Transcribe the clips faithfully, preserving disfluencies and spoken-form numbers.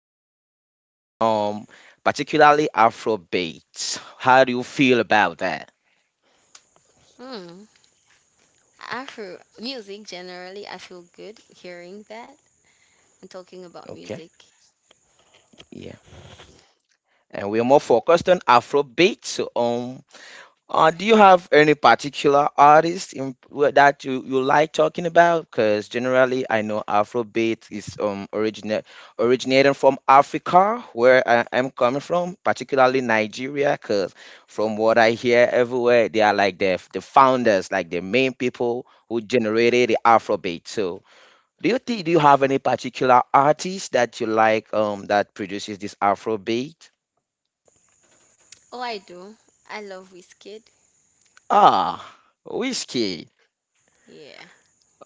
music, um particularly Afrobeat. How do you feel about that? Mm. Afro music, generally, I feel good hearing that and talking about Okay, music. yeah. And we're more focused on Afrobeat. So um Uh, do you have any particular artist in, wh- that you, you like talking about? Because generally, I know Afrobeat is um originate originating from Africa, where I am coming from, particularly Nigeria. Because from what I hear everywhere, they are like the the founders, like the main people who generated the Afrobeat. So, do you think do you have any particular artist that you like um that produces this Afrobeat? Oh, I do. I love Wizkid. Ah, Whiskey. Yeah.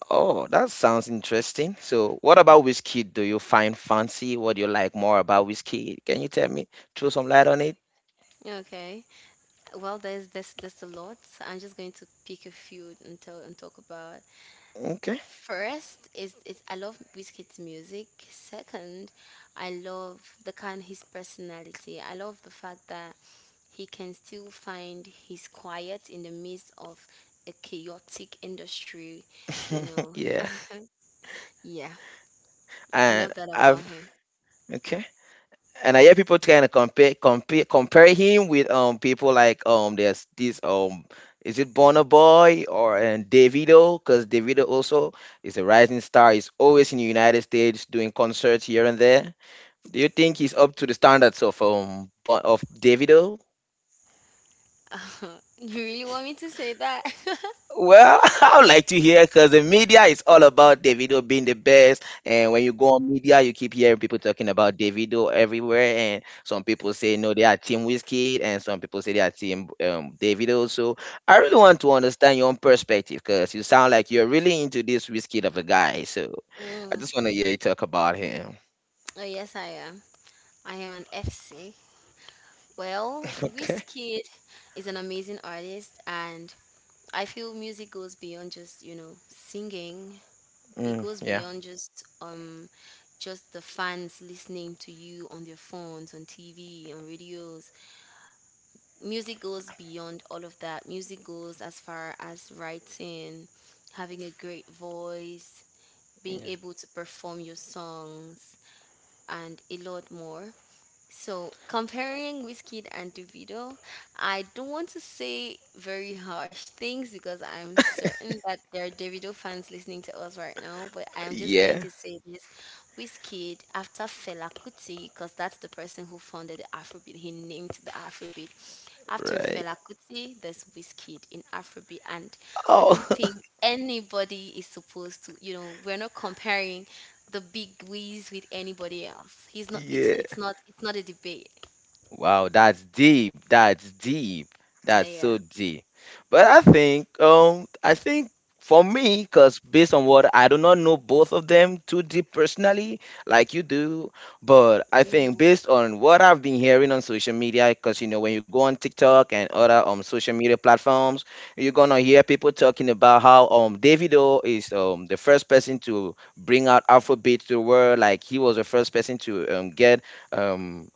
Oh, that sounds interesting. So, what about whiskey do you find fancy? What do you like more about whiskey? Can you tell me, throw some light on it? Okay. Well, there's this there's there's a lot. So I'm just going to pick a few and tell and talk about. Okay. First is is I love Wizkid's music. Second, I love the kind his personality. I love the fact that he can still find his quiet in the midst of a chaotic industry, you know. Yeah. Yeah, I And love that about I've him. Okay. And I hear people trying to compare compare compare him with um people like um there's this um is it Burna Boy or and Davido? Because Davido also is a rising star. He's always in the United States doing concerts here and there. Do you think he's up to the standards of um Bon- of Davido? You really want me to say that? Well, I would like to hear because the media is all about Davido being the best. And when you go on media, you keep hearing people talking about Davido everywhere. And some people say, no, they are Team Whiskey. And some people say they are Team um, Davido. So I really want to understand your own perspective because you sound like you're really into this Whiskey of a guy. So I Mm, just want to hear you talk about him. oh, yes, I am. I am an F C. Well, Okay. Wizkid is an amazing artist, and I feel music goes beyond just, you know, singing. It Mm, goes yeah. beyond just um just the fans listening to you on their phones, on T V, on radios. music goes beyond all of that. Music goes as far as writing, having a great voice, being Yeah. able to perform your songs, and a lot more. So, comparing Whiskey and Davido, I don't want to say very harsh things because I'm certain that there are Davido fans listening to us right now, but I'm just going Yeah. to say this. Whiskey, after Fela Kuti, because that's the person who founded the Afrobeat, he named the Afrobeat. After Right. Fela Kuti, there's Whiskey in Afrobeat, and I don't Oh, think anybody is supposed to, you know, we're not comparing the big wigs with anybody else. He's not. It's not. yeah. It's not. It's not a debate. Wow, that's deep. That's deep. That's Like, yeah. so deep. But I think, um, I think for me, because based on what I do not know both of them too deep personally, like you do, but I think Mm. based on what I've been hearing on social media, because you know when you go on TikTok and other um social media platforms, you're gonna hear people talking about how um Davido is um the first person to bring out Afrobeat to the world, like he was the first person to um get um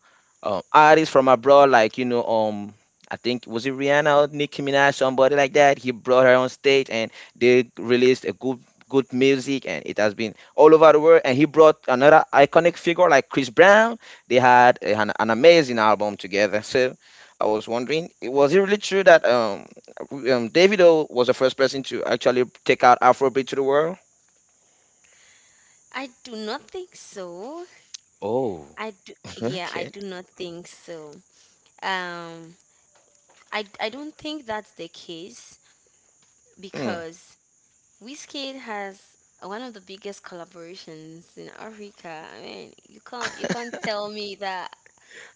um artists from abroad, like you know, um, I think was it Rihanna or Nicki Minaj, somebody like that. He brought her on stage, and they released a good good music, and it has been all over the world. And he brought another iconic figure like Chris Brown. They had a- an, an amazing album together. So I was wondering, i- was it really true that um, um Davido was the first person to actually take out Afrobeat to the world? I do not think so. Oh, I do. Yeah, I Okay. do not think so. Um, I I don't think that's the case Hmm. because Wizkid has one of the biggest collaborations in Africa. I mean, you can't you can't tell me that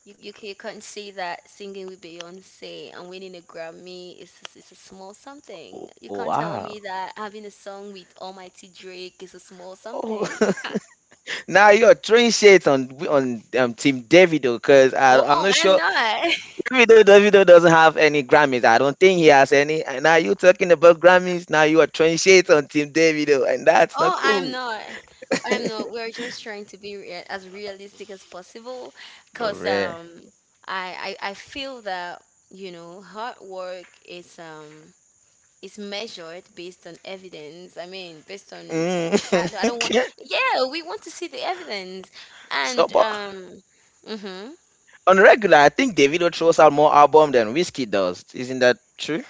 You, you, ca- you can't say that singing with Beyonce and winning a Grammy is is a small something. w- You can't tell wow. me that having a song with Almighty Drake is a small Oh, something. Now you're throwing shades on on um, Team Davido because Oh, I'm oh, not I'm sure not. Davido Davido doesn't have any Grammys. I don't think he has any. And now you talking about Grammys. Now you are throwing shades on Team Davido, and that's not Oh, I'm cool. not. I'm not. We're just trying to be rea- as realistic as possible Oh, because rare. um, I, I, I feel that, you know, hard work is. Um, it's measured based on evidence. I mean, based on Mm. I, don't- I don't want. Okay. Yeah, we want to see the evidence, So, and but um, mhm, on regular, I think Davido throws out more album than Whiskey does. Isn't that true?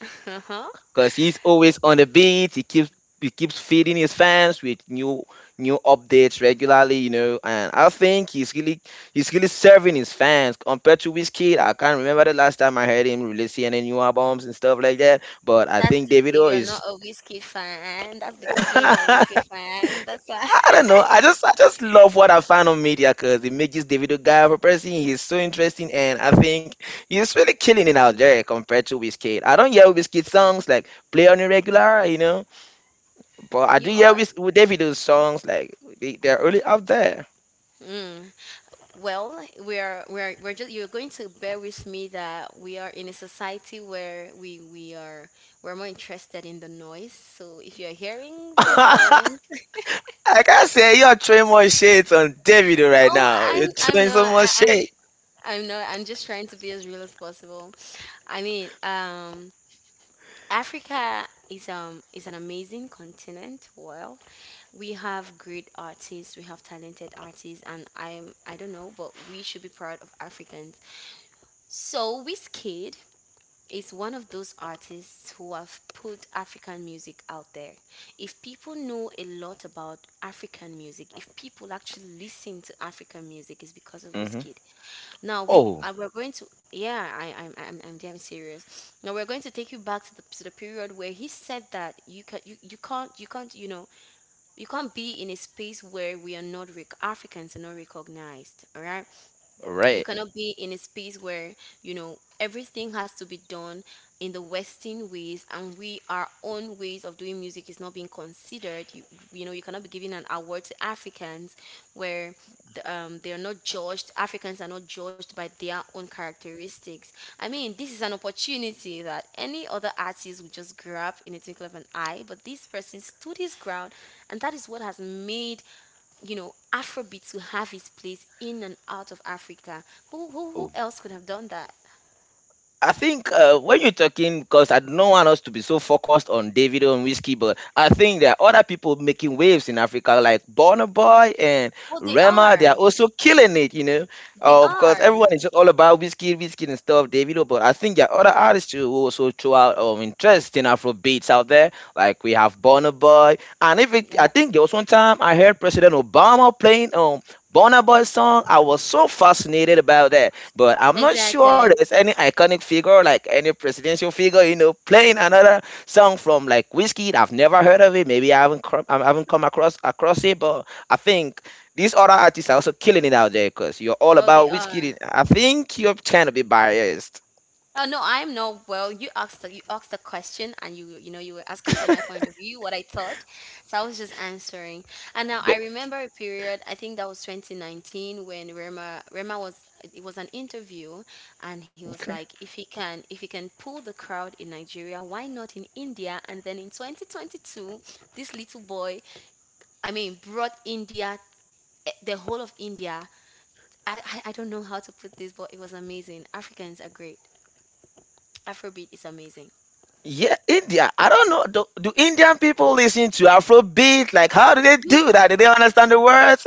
uh-huh. Because he's always on the beat. He keeps he keeps feeding his fans with new new updates regularly, you know. And I think he's really he's really serving his fans compared to Wizkid. I can't remember the last time I heard him releasing any new albums and stuff like that. But I That's think to say Davido you're is. not a whiskey fan. That's because you're not a whiskey fan. That's why I don't know. I just I just love what I found on media because it makes this Davido guy of a person. He's so interesting and I think he's really killing it out there compared to Wizkid. I don't hear Wizkid songs like play on irregular, you know. But I you do hear are. with, with Davido's songs, like they, they're really out there. Mm. Well, we are. We are. We're just. You're going to bear with me that we are in a society where we we are. We're more interested in the noise. So if you're hearing the I song, can't say you're throwing more shades on Davido right oh, now. I You're am I am throwing not. so much I. shade. I'm not. I'm just trying to be as real as possible. I mean, um, Africa is um is an amazing continent. Well, we have great artists, we have talented artists, and I'm I don't know, but we should be proud of Africans. So Wizkid is one of those artists who have put African music out there. If people know a lot about African music, if people actually listen to African music, it's because of Hmm. Wizkid. Now we Oh, uh, we're going to, yeah, I I'm, I'm I'm damn serious. Now we're going to take you back to the to the period where he said that you can you, you can't you can't you know you can't be in a space where we are not rec- Africans are not recognized. All right, all you right. cannot be in a space where you know everything has to be done in the western ways, and we our own ways of doing music is not being considered you, you know you cannot be giving an award to africans where the, um, they are not judged. Africans are not judged by their own characteristics. I mean, this is an opportunity that any other artist would just grab in a twinkle of an eye, but this person stood his ground, and that is what has made you know, Afrobeat to have its place in and out of Africa. Who who who else could have done that? I think uh, when you're talking, because I don't want us to be so focused on Davido and Whiskey, but I think there are other people making waves in Africa, like Burna Boy and Oh, they Rema. They are. are also killing it, you know, They uh, because are. everyone is just all about Whiskey, Whiskey and stuff, Davido. But I think there are other artists who also show out um, interest in Afro beats out there. Like we have Burna Boy, and if it, Yeah, I think there was one time I heard President Obama playing um Bonner Boy song. I was so fascinated about that. But I'm not sure Exactly. there's any iconic figure, like any presidential figure, you know, playing another song from like Whiskey. I've never heard of it. Maybe I haven't cr- I haven't come across across it. But I think these other artists are also killing it out there because you're all Oh, they about Whiskey. are. I think you're trying to be biased. Oh no, I'm not. Well, you asked the, you asked the question, and you you know you were asking for my point of view, what I thought, so I was just answering. And now I But remember a period. I think that was twenty nineteen when Rema Rema was it was an interview, and he was Okay. like, if he can if he can pull the crowd in Nigeria, why not in India? And then in twenty twenty-two, this little boy, I mean, brought India, eh, the whole of India. I, I I don't know how to put this, but it was amazing. Africans are great. Afrobeat is amazing. Yeah, India. I don't know. Do, do Indian people listen to Afrobeat? Like, how do they You. do that? Do they understand the words?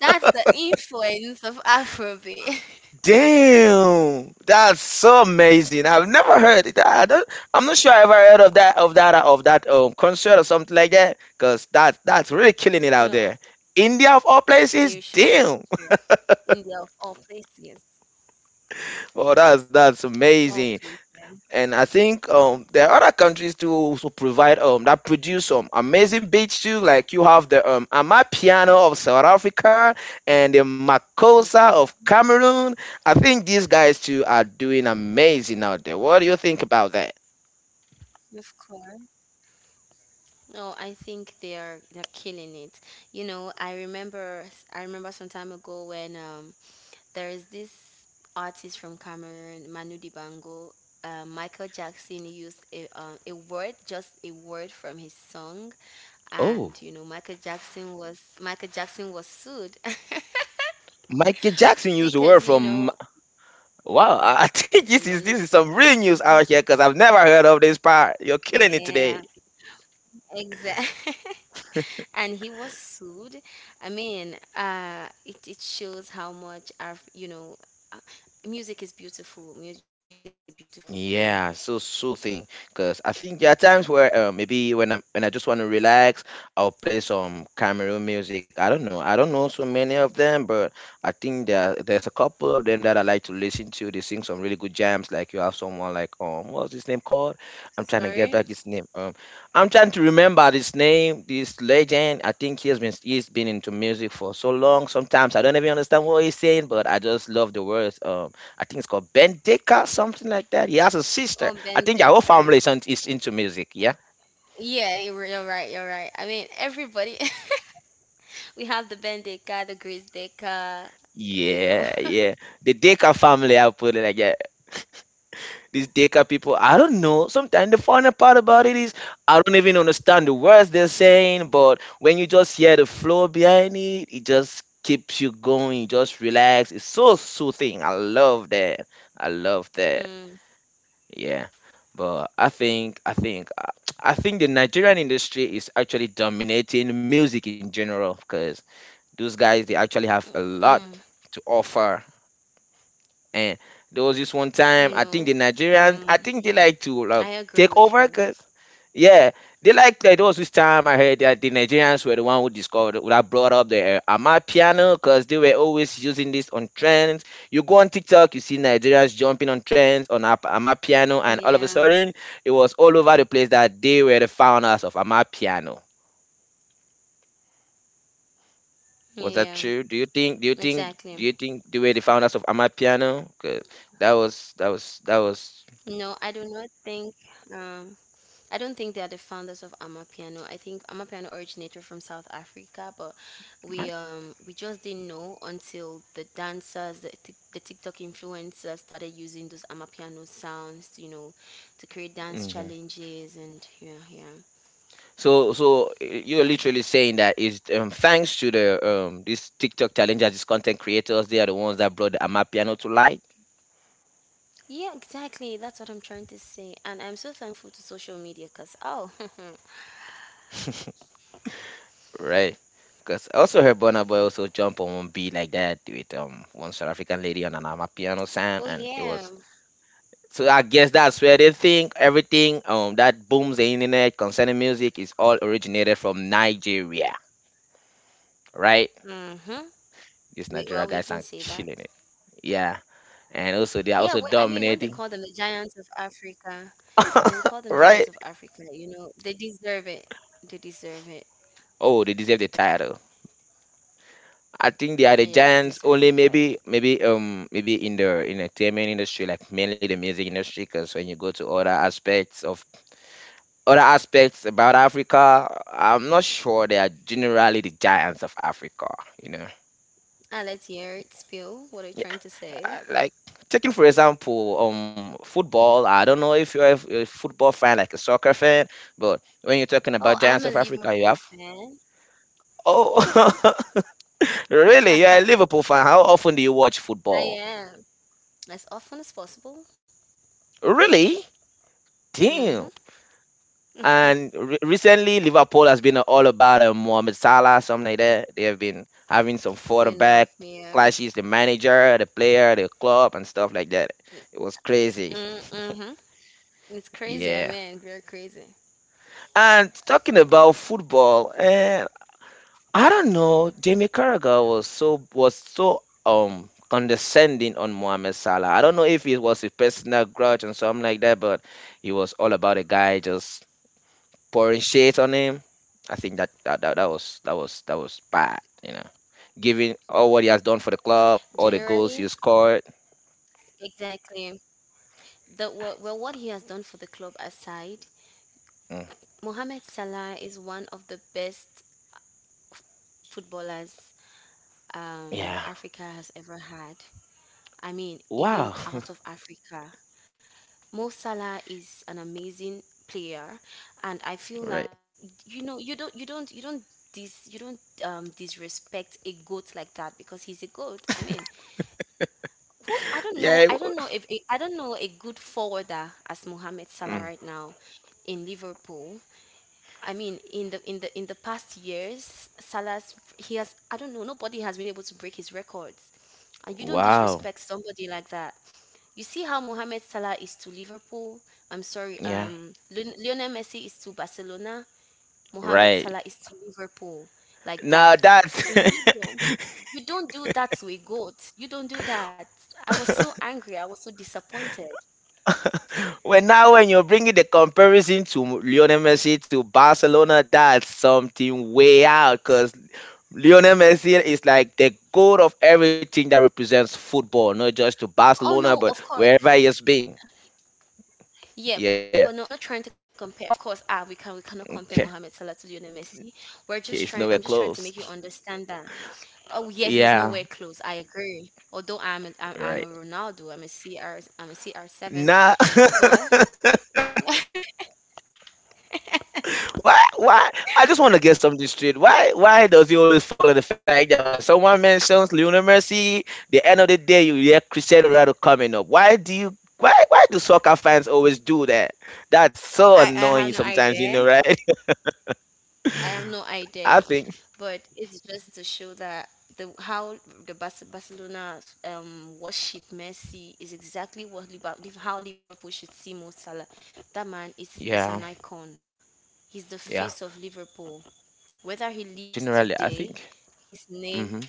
That's the influence of Afrobeat. Damn, that's so amazing. I've never heard it. I don't, I'm not sure I ever heard of that of that of that um concert or something like that. Cause that that's really killing it out No, there. India of all places. you should, you should Damn. try. India of all places, Oh, that's that's of all amazing. places. And I think um, there are other countries too also provide um, that produce some amazing beats too. Like you have the um, Amapiano of South Africa and the Makosa Okay, of Cameroon. I think these guys too are doing amazing out there. What do you think about that? of course. No, I think they are they're killing it. You know, I remember I remember some time ago when um there is this artist from Cameroon, Manu Dibango. Uh, Michael Jackson used a, um, a word, just a word from his song, Oh, and you know Michael Jackson was Michael Jackson was sued. Michael Jackson used the word Because you from. know, Wow. I I think this is this Emmanuel is some Dibango. real news uh out here because I've never heard of this part. You're killing it today. Yeah, exactly. And he was sued. I mean, uh, it, it shows how much our, you know, uh, music is beautiful. Mu- Music is a beautiful thing. Yeah, so soothing. Because I think there are times where uh, maybe when I'm when I just want to relax, I'll play some Cameroon music. I don't know. I don't know so many of them, but I think there there's a couple of them that I like to listen to. They sing some really good jams. Like you have someone like um what's his name called? I'm trying to get Sorry. back his name. Um, I'm trying to remember this name. This legend. I think he has been he's been into music for so long. Sometimes I don't even understand what he's saying, but I just love the words. um, I think it's called Ben Decker, something like that. He has a sister. Oh, I think their whole Bendeka. family is, on, is into music. Yeah. Yeah, you're, you're right. You're right. I mean, everybody. we have the Bendeka, the Grace Deka, you know. Yeah. Yeah. The Decker family, I'll put it like that. These Decker people, I don't know. Sometimes the funny part about it is I don't even understand the words they're saying, but when you just hear the flow behind it, it just keeps you going. You just relax. It's so soothing. I love that. I love that. Mm, Yeah, but I think I think I I think the Nigerian industry is actually dominating music in general because those guys they actually have a mm, lot mm, to offer and there was this one you time, I know, think the Nigerians. I um, think they like to I like agree take with over, you. cause yeah, they like like there was this time I heard that the Nigerians were the one who discovered who that brought up the uh, Ama piano, cause they were always using this on trends. You go on TikTok, you see Nigerians jumping on trends on Ap- Ama piano, and all of a Yeah, sudden it was all over the place that they were the founders of Ama piano. Was that yeah. true? Do you think? Do you think? Do Exactly. you think they were the founders of Ama piano? 'Cause that was that was that was. No, I do not think um I don't think they are the founders of Amapiano. I think Amapiano originated from South Africa, but we um we just didn't know until the dancers, the, Tik- the TikTok influencers started using those Amapiano sounds, you know, to create dance Hmm. challenges, and yeah, yeah. So, so y- you're literally saying that is um, thanks to the um these TikTok challengers, these content creators, they are the ones that brought the Amapiano to light, Yeah, exactly. That's what I'm trying to say. And I'm so thankful to social media cuz oh, right? Because I also heard Burna Boy also jump on one beat like that with um one South African lady on an Amapiano sound, oh and it yeah. was. So I guess that's where they think everything um that booms the internet concerning music is all originated from Nigeria, right? Mhm. These We, Nigeria well, we guys can are say that. killing it, yeah, and also they are Yeah, also when, I mean, when they dominating. call them the giants of Africa, when we call them giants Right? of Africa, you know, they deserve it. They deserve it. Oh, they deserve the title. I think they are the Yeah, they giants deserve the only maybe title. maybe um maybe in the in entertainment industry, like mainly the music industry, because when you go to other aspects of other aspects about Africa, I'm not sure they are generally the giants of Africa, you know. Ah, let's hear it. Spill, what are you Yeah, trying to I- say? like taking for example, um football. I don't know if you're a, f- a football fan, like a soccer fan, but when you're talking Oh, about I'm giants a of Africa, you Liverpool have fan. oh. Really? You're a Liverpool fan. How often do you watch I football? am as often as possible. Really? Mm-hmm. Damn. And re- recently, Liverpool has been all about uh, Mohamed Salah, something like that. They have been having some You know, quarterback yeah. clashes, the manager, the player, the club, and stuff like that. It was crazy. Mm-hmm. It's crazy. I Yeah. mean, very crazy. And talking about football, uh, I don't know. Jamie Carragher was so was so um condescending on Mohamed Salah. I don't know if it was a personal grudge and something like that, but he was all about the guy just pouring shit on him. I think that that, that, that was that was that was bad, you know. Given all what he has done for the club, all the goals he Generally, has scored. exactly. The what? Well, what he has done for the club aside, Mm, Mohamed Salah is one of the best footballers um, yeah. Africa has ever had. I mean, even Wow. out of Africa. Mo Salah is an amazing player, and I feel Right. like you know you don't you don't you don't dis you don't um, disrespect a goat like that because he's a goat. I mean, who I don't Yeah. know it wa- I don't know if a, I don't know a good forwarder as Mohamed Salah mm, right now in Liverpool. I mean, in the in the in the past years, Salah's he has I don't know nobody has been able to break his records, and you don't wow. disrespect somebody like that. You see how Mohamed Salah is to Liverpool. I'm sorry, Yeah. um, Lion- Lionel Messi is to Barcelona. Mohamed Right. Salah is to Liverpool, like Now that. that's So you don't you don't do that to a goat. You don't do that. I was so angry. I was so disappointed. Well, now when you're bringing the comparison to Lionel Messi to Barcelona, that's something way out because Lionel Messi is like the goal of everything that represents football, not just to Oh Barcelona, no, but of course. wherever he has been. Yeah, Yeah. but no, I'm not trying to compare. Of course, ah, we can we cannot compare Okay. Mohamed Salah to Lionel Messi. We're He just is trying. nowhere I'm just trying to close. make you understand that. Oh yeah, he's Yeah. nowhere close. I agree. Although I'm a, I'm, Right. I'm a Ronaldo, I'm a C R, I'm a C R seven, Nah. but Why? Why? I just want to get something straight. Why? Why does he always fall on the fact that when someone mentions Lionel Messi, the end of the day you hear Cristiano Ronaldo coming up? Why do you? Why? Why do soccer fans always do that? That's so I I have annoying no sometimes. You idea. know, right? I have no idea. I think. But it's just to show that the how the Bas- Barcelona um worship Messi is exactly what Liverpool, how Liverpool should see Mo Salah. That man is is Yeah. an icon. He's the Yeah. face of Liverpool. Whether he leaves Generally, I today, think. his name, hmm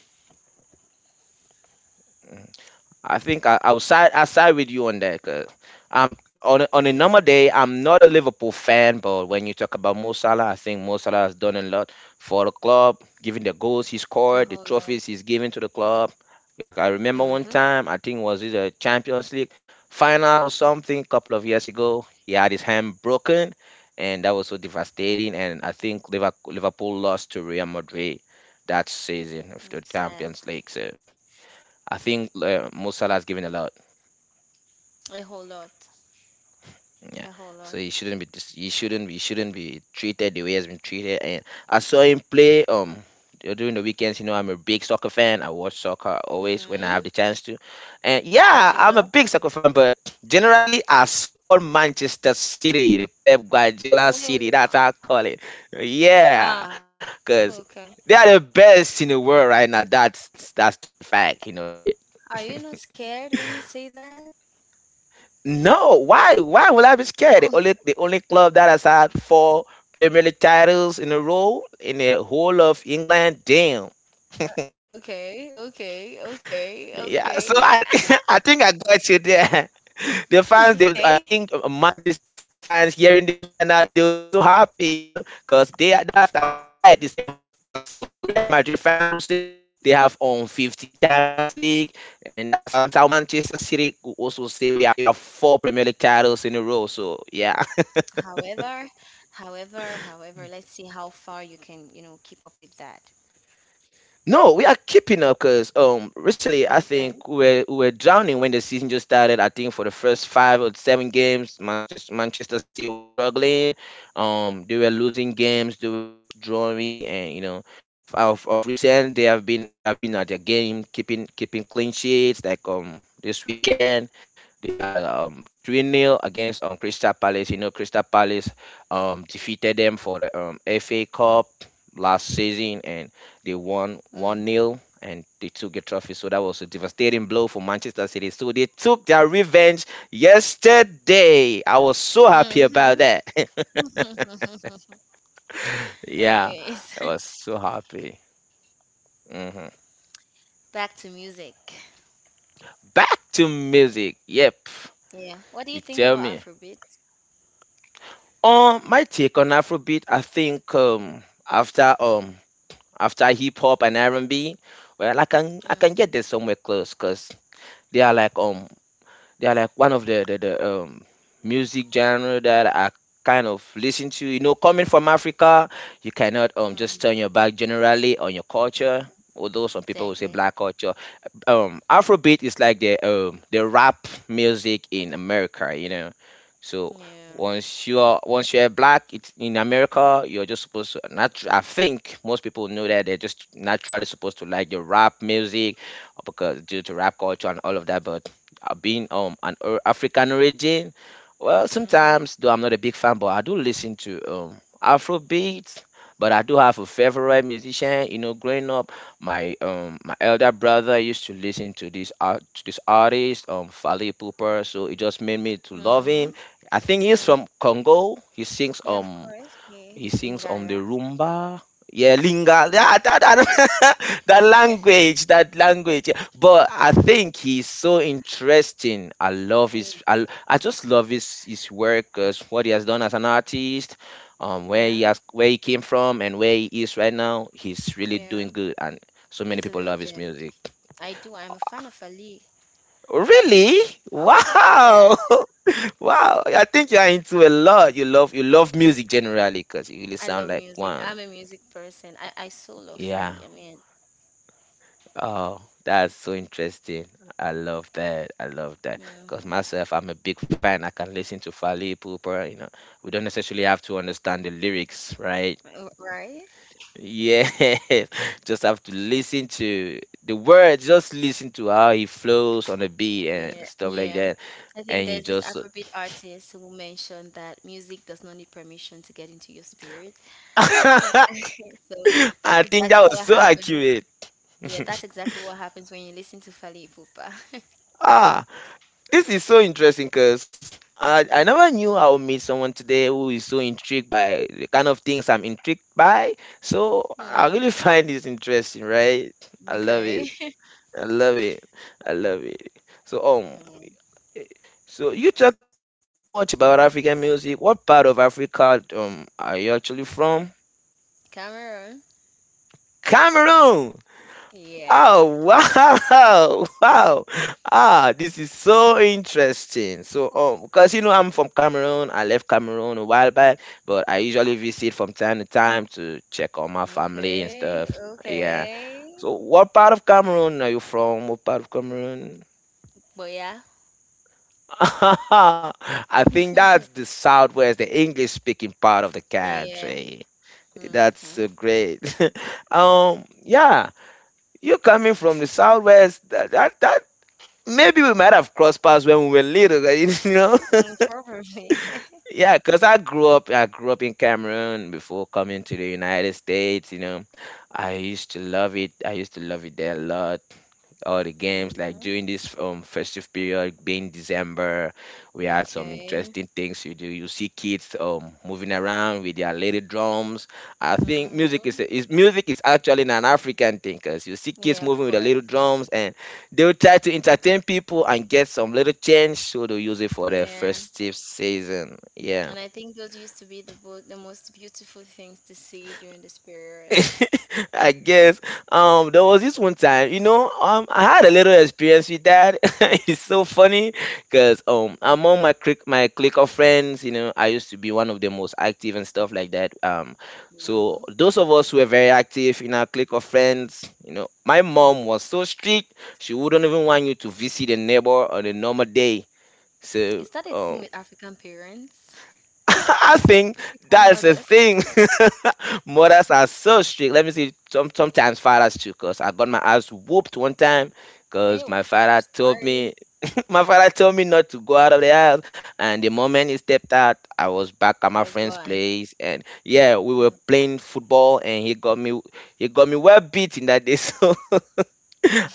I think I, I will side I side with you on that. Cause I'm on a- on a yeah, normal day. I'm not a Liverpool fan, but when you talk about Mo Salah, I think Mo Salah has done a lot for the club, given the goals he a scored, the whole lot. trophies he's given to the club. Yeah, I, I remember one Mhm. time, I think was it a Champions League final or something, a couple of years ago. He had his hand broken, and that was so devastating. And I think Liverpool Liverpool lost to Real Madrid that season of the It's Sad. Champions League. So. I think uh, Mo Salah has given a lot. A whole lot. Yeah, A whole so lot. he shouldn't be. dis- He shouldn't. He shouldn't be treated the way he's been treated. And I saw him play. Um, du- during the weekends, you know, I'm a big soccer fan. I watch soccer always when I have Mhm. the chance to. And yeah, What's your I'm a club? big soccer fan. But generally, I support Manchester City, the Pep Oh, Guardiola yeah, City. wa- That's how I call it. ah. Yeah, because Okay. they are the best in the world right now. That's that's that's just a fact. You know, right? Are you not scared when you say that? No, why? Why will I be scared? The only the only club that has had four Premier League titles in a row in the whole of England. Damn. Okay. Okay. Okay. Yeah, so Okay. I I think I got you there. The fans, they, I okay. think uh, Manchester City fans hearing this right now, they will be so happy, you know, because they are- that's our pride. The same as, as um the Real Madrid fans will say they have um fifteen Champions League, and that's how Manchester City will also say we have four Premier League titles in a row. So yeah. However, however, however, let's see how far you can, you know, keep up with that. No, we are keeping up because um recently I Okay. think we we're we we're drowning when the season just started. I think for the first five or seven games, Manchester Manchester City was struggling. Um, they were losing games. They were just drawing, and you know, f- of, of recent they have been they have been at their game, keeping keeping clean sheets. Like um this weekend they had a um three nil against um Crystal Palace. You know, Crystal Palace um defeated them for the um F A Cup last season and they won one nil and they took a trophy. So that was a devastating blow for Manchester City. So they took their revenge yesterday. I was so Mm. happy Mhm. about that. Yeah, Anyways, I was so happy. Mhm. back to music. Back to music. Yep, Yeah. What do you you think tell about me. Afrobeat? Um, my take on Afrobeat, I think um after um after hip hop and R and B, well I can I Mm-hmm. can get this somewhere close because they are like um They are like one of the the, the um, music genre that I kind of listen to. You know, coming from Africa, you cannot um just mm turn your back generally on your culture. Although some people will say Exactly. black culture, um, Afrobeat is like the um the rap music in America. You know, so Yeah. once you're once you're black it's in America, you're just supposed to natu- I think most people know that they're just naturally supposed to like the rap music because due to rap culture and all of that, but uh, being um an or- African origin, well, Mm-hmm. sometimes though I'm not a big fan, but I do listen to um Afrobeats. But I do have a favorite musician. You know, growing up, my um my elder brother used to listen to this art to this artist um Fally Pupa, so it just made me to love Mm-hmm. him. I think he's Mm. from Congo. He sings Yeah, of um course. Yeah. he sings on the Lingala. rumba. Yeah, linga. Yeah, that, that, that Ling- language, that language. Yeah. But I think he's so interesting. I love Mm. his. I, I just love his his work, 'cause what he has done as an artist, um, where he yeah. has where he came from and where he is right now. He's really Yeah. doing good, and so many He's a people love his legend. music. I do. I'm a fan of Ali. Really? Of Wow. course. Wow, I think you are into a lot. You love you love music generally because you really I sound love like music. one. I'm a music person. I, I so love Yeah. Ali. I mean, Oh, that's so interesting. I love that. I love that. Because mm-hmm. myself, I'm a big fan. I can listen to Fally Ipupa. You know, we don't necessarily have to understand the lyrics, right? right? Yes, just have to listen to the words. Just listen to how he flows on the beat and Yeah, stuff like yeah. that. I think And you there's this just, Afrobeat artist who mentioned that music does not need permission to get into your spirit. I So that's think that exactly was what so happens. accurate. Yeah, that's exactly what happens when you listen to Fally Ipupa. Ah. This is so interesting because I, I never knew I would meet someone today who is so intrigued by the kind of things I'm intrigued by. So I Mm, really find this interesting, right? I love okay. it. I love it. I love it. So um, Mm, eh, so you talking this much about African music? What part of Africa um are you actually from? Cameron. Cameroon. Yeah. Oh wow, wow! Ah, this is so interesting. So, um, because you know I'm from Cameroon, I left Cameroon a while back, but I usually visit from time to time to check on my family and Okay. stuff. Yeah. Okay. So, what part of Cameroon are you from? What part of Cameroon? But yeah. I think that's the southwest, the English-speaking part of the Yeah. country. That's Mm-hmm. so great. Um, yeah, you coming from the southwest. That, that that Maybe we might have crossed paths when we were little, you know. Mm, probably. Yeah, because I grew up, I grew up in Cameroon before coming to the United States. You know, I used to love it. I used to love it there a lot. All the games, like Mm-hmm. during this um festive period being December, we had some Okay. interesting things. You do you see kids um moving around with their little drums. I think music Mm-hmm. is, is music is actually an African thing because you see kids Yeah, of moving with their little course. drums and they will try to entertain people and get some little change so they use it for their Yeah. festive season. Yeah. And I think those used to be the bo- the most beautiful things to see during this period. I guess um there was this one time, you know, um I had a little experience with that. It's so funny because um among my click my clique of friends, you know, I used to be one of the most active and stuff like that. Um so hmm those of us who were very active in our clique of friends, you know, my mom was so strict, she wouldn't even want you to visit a neighbor on a normal day. Is So that a thing um with African parents? I think African that's the mothers? thing. Mothers are so strict. Let me see. Some, sometimes fathers too, cause I got my ass whooped one time, cause my Oh, father told sorry, me my father told me not to go out of the house. And the moment he stepped out, I was back at my you're friend's gone. place. And yeah, we were Mm, playing football and he got me he got me well beaten that day. So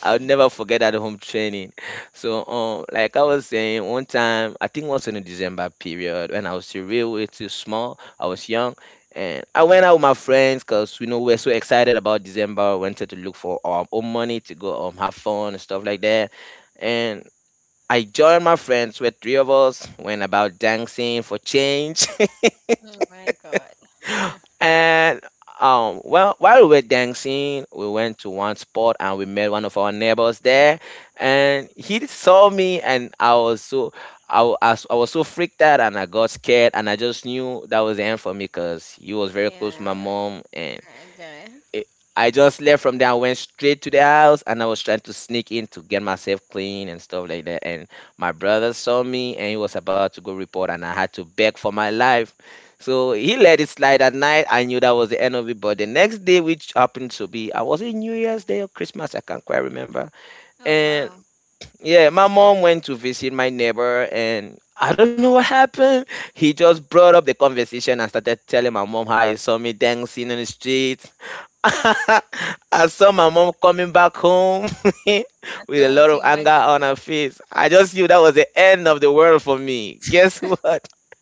I'll never forget that home training. So, um, like I was saying, one time, I think it was in the December period when I was still real, way too small. I was young, and I went out with my friends because you know we're so excited about December. We wanted to look for our own money to go um have fun and stuff like that. And I joined my friends with three of us, went about dancing for change. Oh my God. and um, Well, while we were dancing, we went to one spot and we met one of our neighbors there. And he saw me, and I was so I, wa- I was I was so freaked out, and I got scared, and I just knew that was the end for me because he was very close to my Yeah. mom, and Okay. eh, I just left from there. I went straight to the house and I was trying to sneak in to get myself clean and stuff like that. And my brother saw me and he was about to go report, and I had to beg for my life. So he let it slide at night. I knew that was the end of it. But the next day, which happened to be, I was it New Year's Day or Christmas? I can't quite remember. Oh And wow. yeah, my mom went to visit my neighbor, and I don't know what happened. He just brought up the conversation and started telling my mom how he saw me dancing in the street. I saw my mom coming back home I with don't a want lot to of anger imagine. on her face. I just knew that was the end of the world for me. Guess what?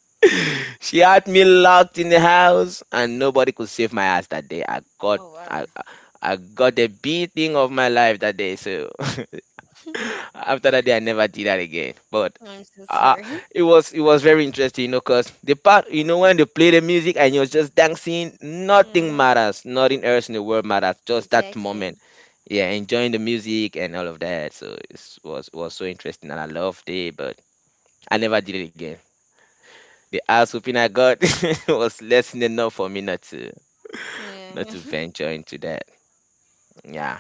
She had me locked in the house, and nobody could save my ass that day. I got, Oh wow. I, I I got the beating of my life that day. So after that day, I never did that again. But I'm so uh, sorry. it was it was very interesting, you know, cause the part you know when they play the music and you're just dancing, nothing Mm-hmm. matters, nothing else in the world matters, just that Exactly. moment. Yeah, enjoying the music and all of that. So it was it was so interesting and I loved it, but I never did it again. The ass whooping I got was less than enough for me not to not Yeah. to venture into that. Yeah.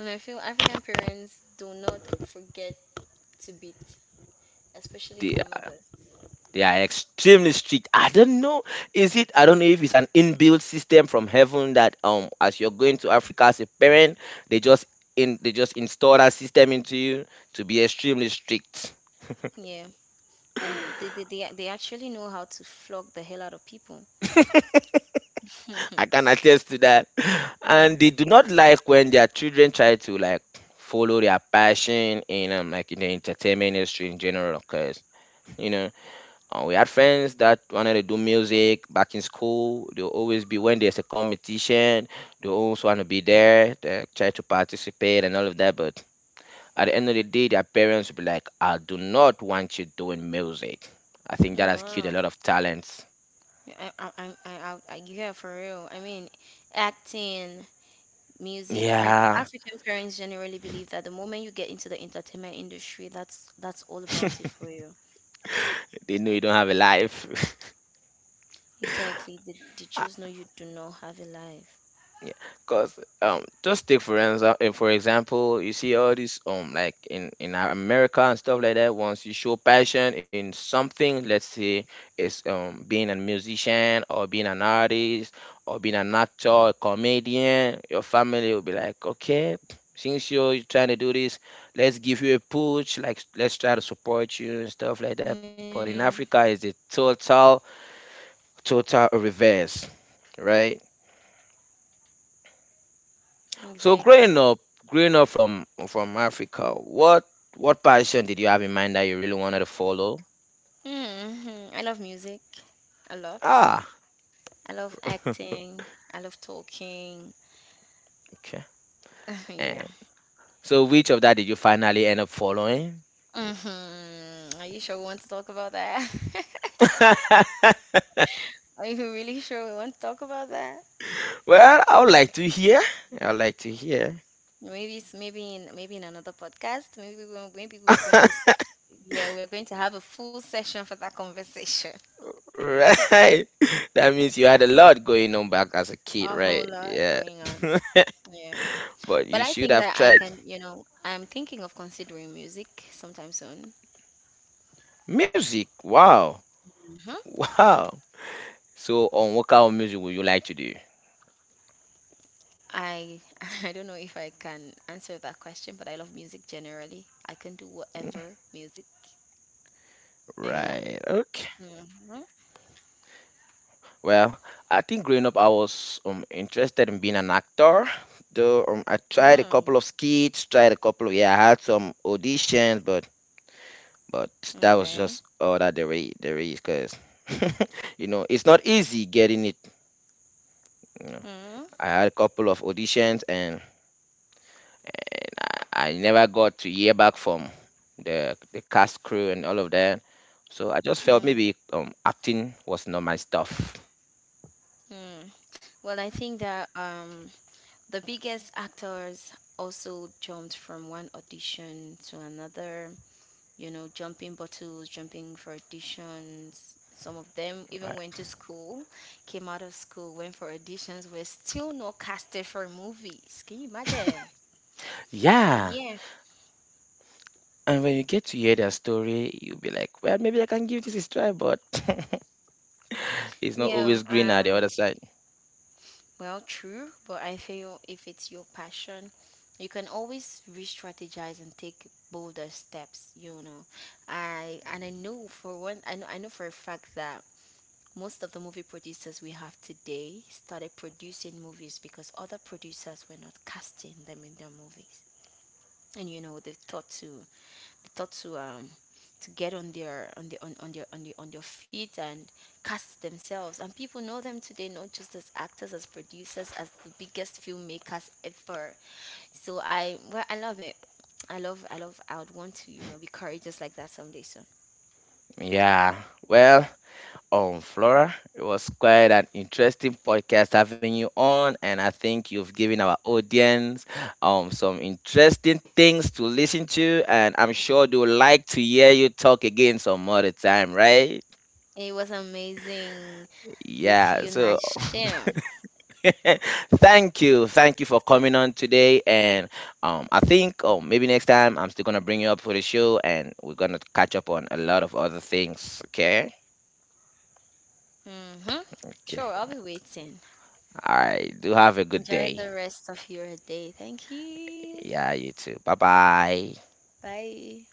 And I feel African parents do not forget to beat, especially The the mothers. They are extremely strict. I don't know. Is it? I don't know if it's an inbuilt system from heaven that um, as you're going to Africa as a parent, they just in they just install that system into you to be extremely strict. Yeah. and they they, they, they actually know how to flog the hell out of people. I can attest to that. yeah. And they do not like when their children try to like follow their passion in um, like in the entertainment industry in general, because you know Uh, we had friends that wanted to do music back in school. They'll always be when there's a competition, they'll also want to be there, they try to participate and all of that. But at the end of the day, their parents will be like, I do not want you doing music. I Oh think that has killed a wow. lot of talents. I I I I, I yeah for real. I mean, acting, music. I, Yeah, African parents generally believe that the moment you get into the entertainment industry, that's that's all about it for you. they know you don't have a life. Exactly. They, they I. just know you do not have a life. Yeah, cause um, just take for example, for example, you see all this um, like in in America and stuff like that. Once you show passion in something, let's say it's um being a musician or being an artist or being an actor, a comedian, your family will be like, okay, since you're trying to do this, let's give you a push, like let's try to support you and stuff like that. But Yeah. in Africa, it's a total total reverse, right? So Exactly. growing up, growing up from from Africa, what what passion did you have in mind that you really wanted to follow? hmm I love music a lot. Ah, I love acting. I love talking. okay. yeah. And so which of that did you finally end up following? Mm-hmm. Are you sure we want to talk about that? Are you really sure we want to talk about that? Well, I would like to hear. I would like to hear. Maybe it's maybe in maybe in another podcast. Maybe we maybe we are going to s- yeah we are going to have a full session for that conversation. Right. That means you had a lot going on back as a kid, A whole right? lot Yeah. going on. Yeah, But but you I should think have that I tried can you know I'm thinking of considering music sometime soon. music. Wow. Hmm Wow. So on what kind of music would you like to do? I I don't know if I can answer that question, but I love music generally. I can do whatever music. Yeah. Right. Okay. Mm-hmm. Well, I think growing up, I was um interested in being an actor. Though um, I tried a couple of skits, tried a couple of yeah, I had some auditions, but but that was Okay. just all that there is there is, cause you know it's not easy getting it. You know, Mm, I had a couple of auditions and I, I never got to hear back from the the cast crew and all of that. So I just felt mm, maybe um acting was not my stuff. mm. Well, I think that um, the biggest actors also jumped from one audition to another, you know, jumping bottles, jumping for auditions. Some of them even Right. went to school, came out of school, went for auditions, were still not casted for movies. Can you imagine? Yeah. Yeah, And when you get to hear their story, you'll be like, well, maybe I can give this a try, but it's not yeah. always green at the other side. Well, true, but I feel if it's your passion, you can always re-strategize and take bolder steps, you know. I and I know for one I know I know for a fact that most of the movie producers we have today started producing movies because other producers were not casting them in their movies. And you know, they thought to, taught to, um to get on their on the on, on their on the on their feet and cast themselves, and people know them today not just as actors, as producers, as the biggest filmmakers ever. So, I well I love it. I love i love i would want to you know be courageous like that someday soon. Yeah. Well, um, Flora, it was quite an interesting podcast having you on, and I think you've given our audience um some interesting things to listen to, and I'm sure they would like to hear you talk again some other time, right? It was amazing with Yeah. you, So Nashim. thank you thank you for coming on today and um I think oh maybe next time I'm still gonna bring you up for the show and we're gonna catch up on a lot of other things okay Mm-hmm. okay Sure, I'll be waiting. all right do have a good Enjoy day the rest of your day. Thank you. yeah you too bye bye Bye.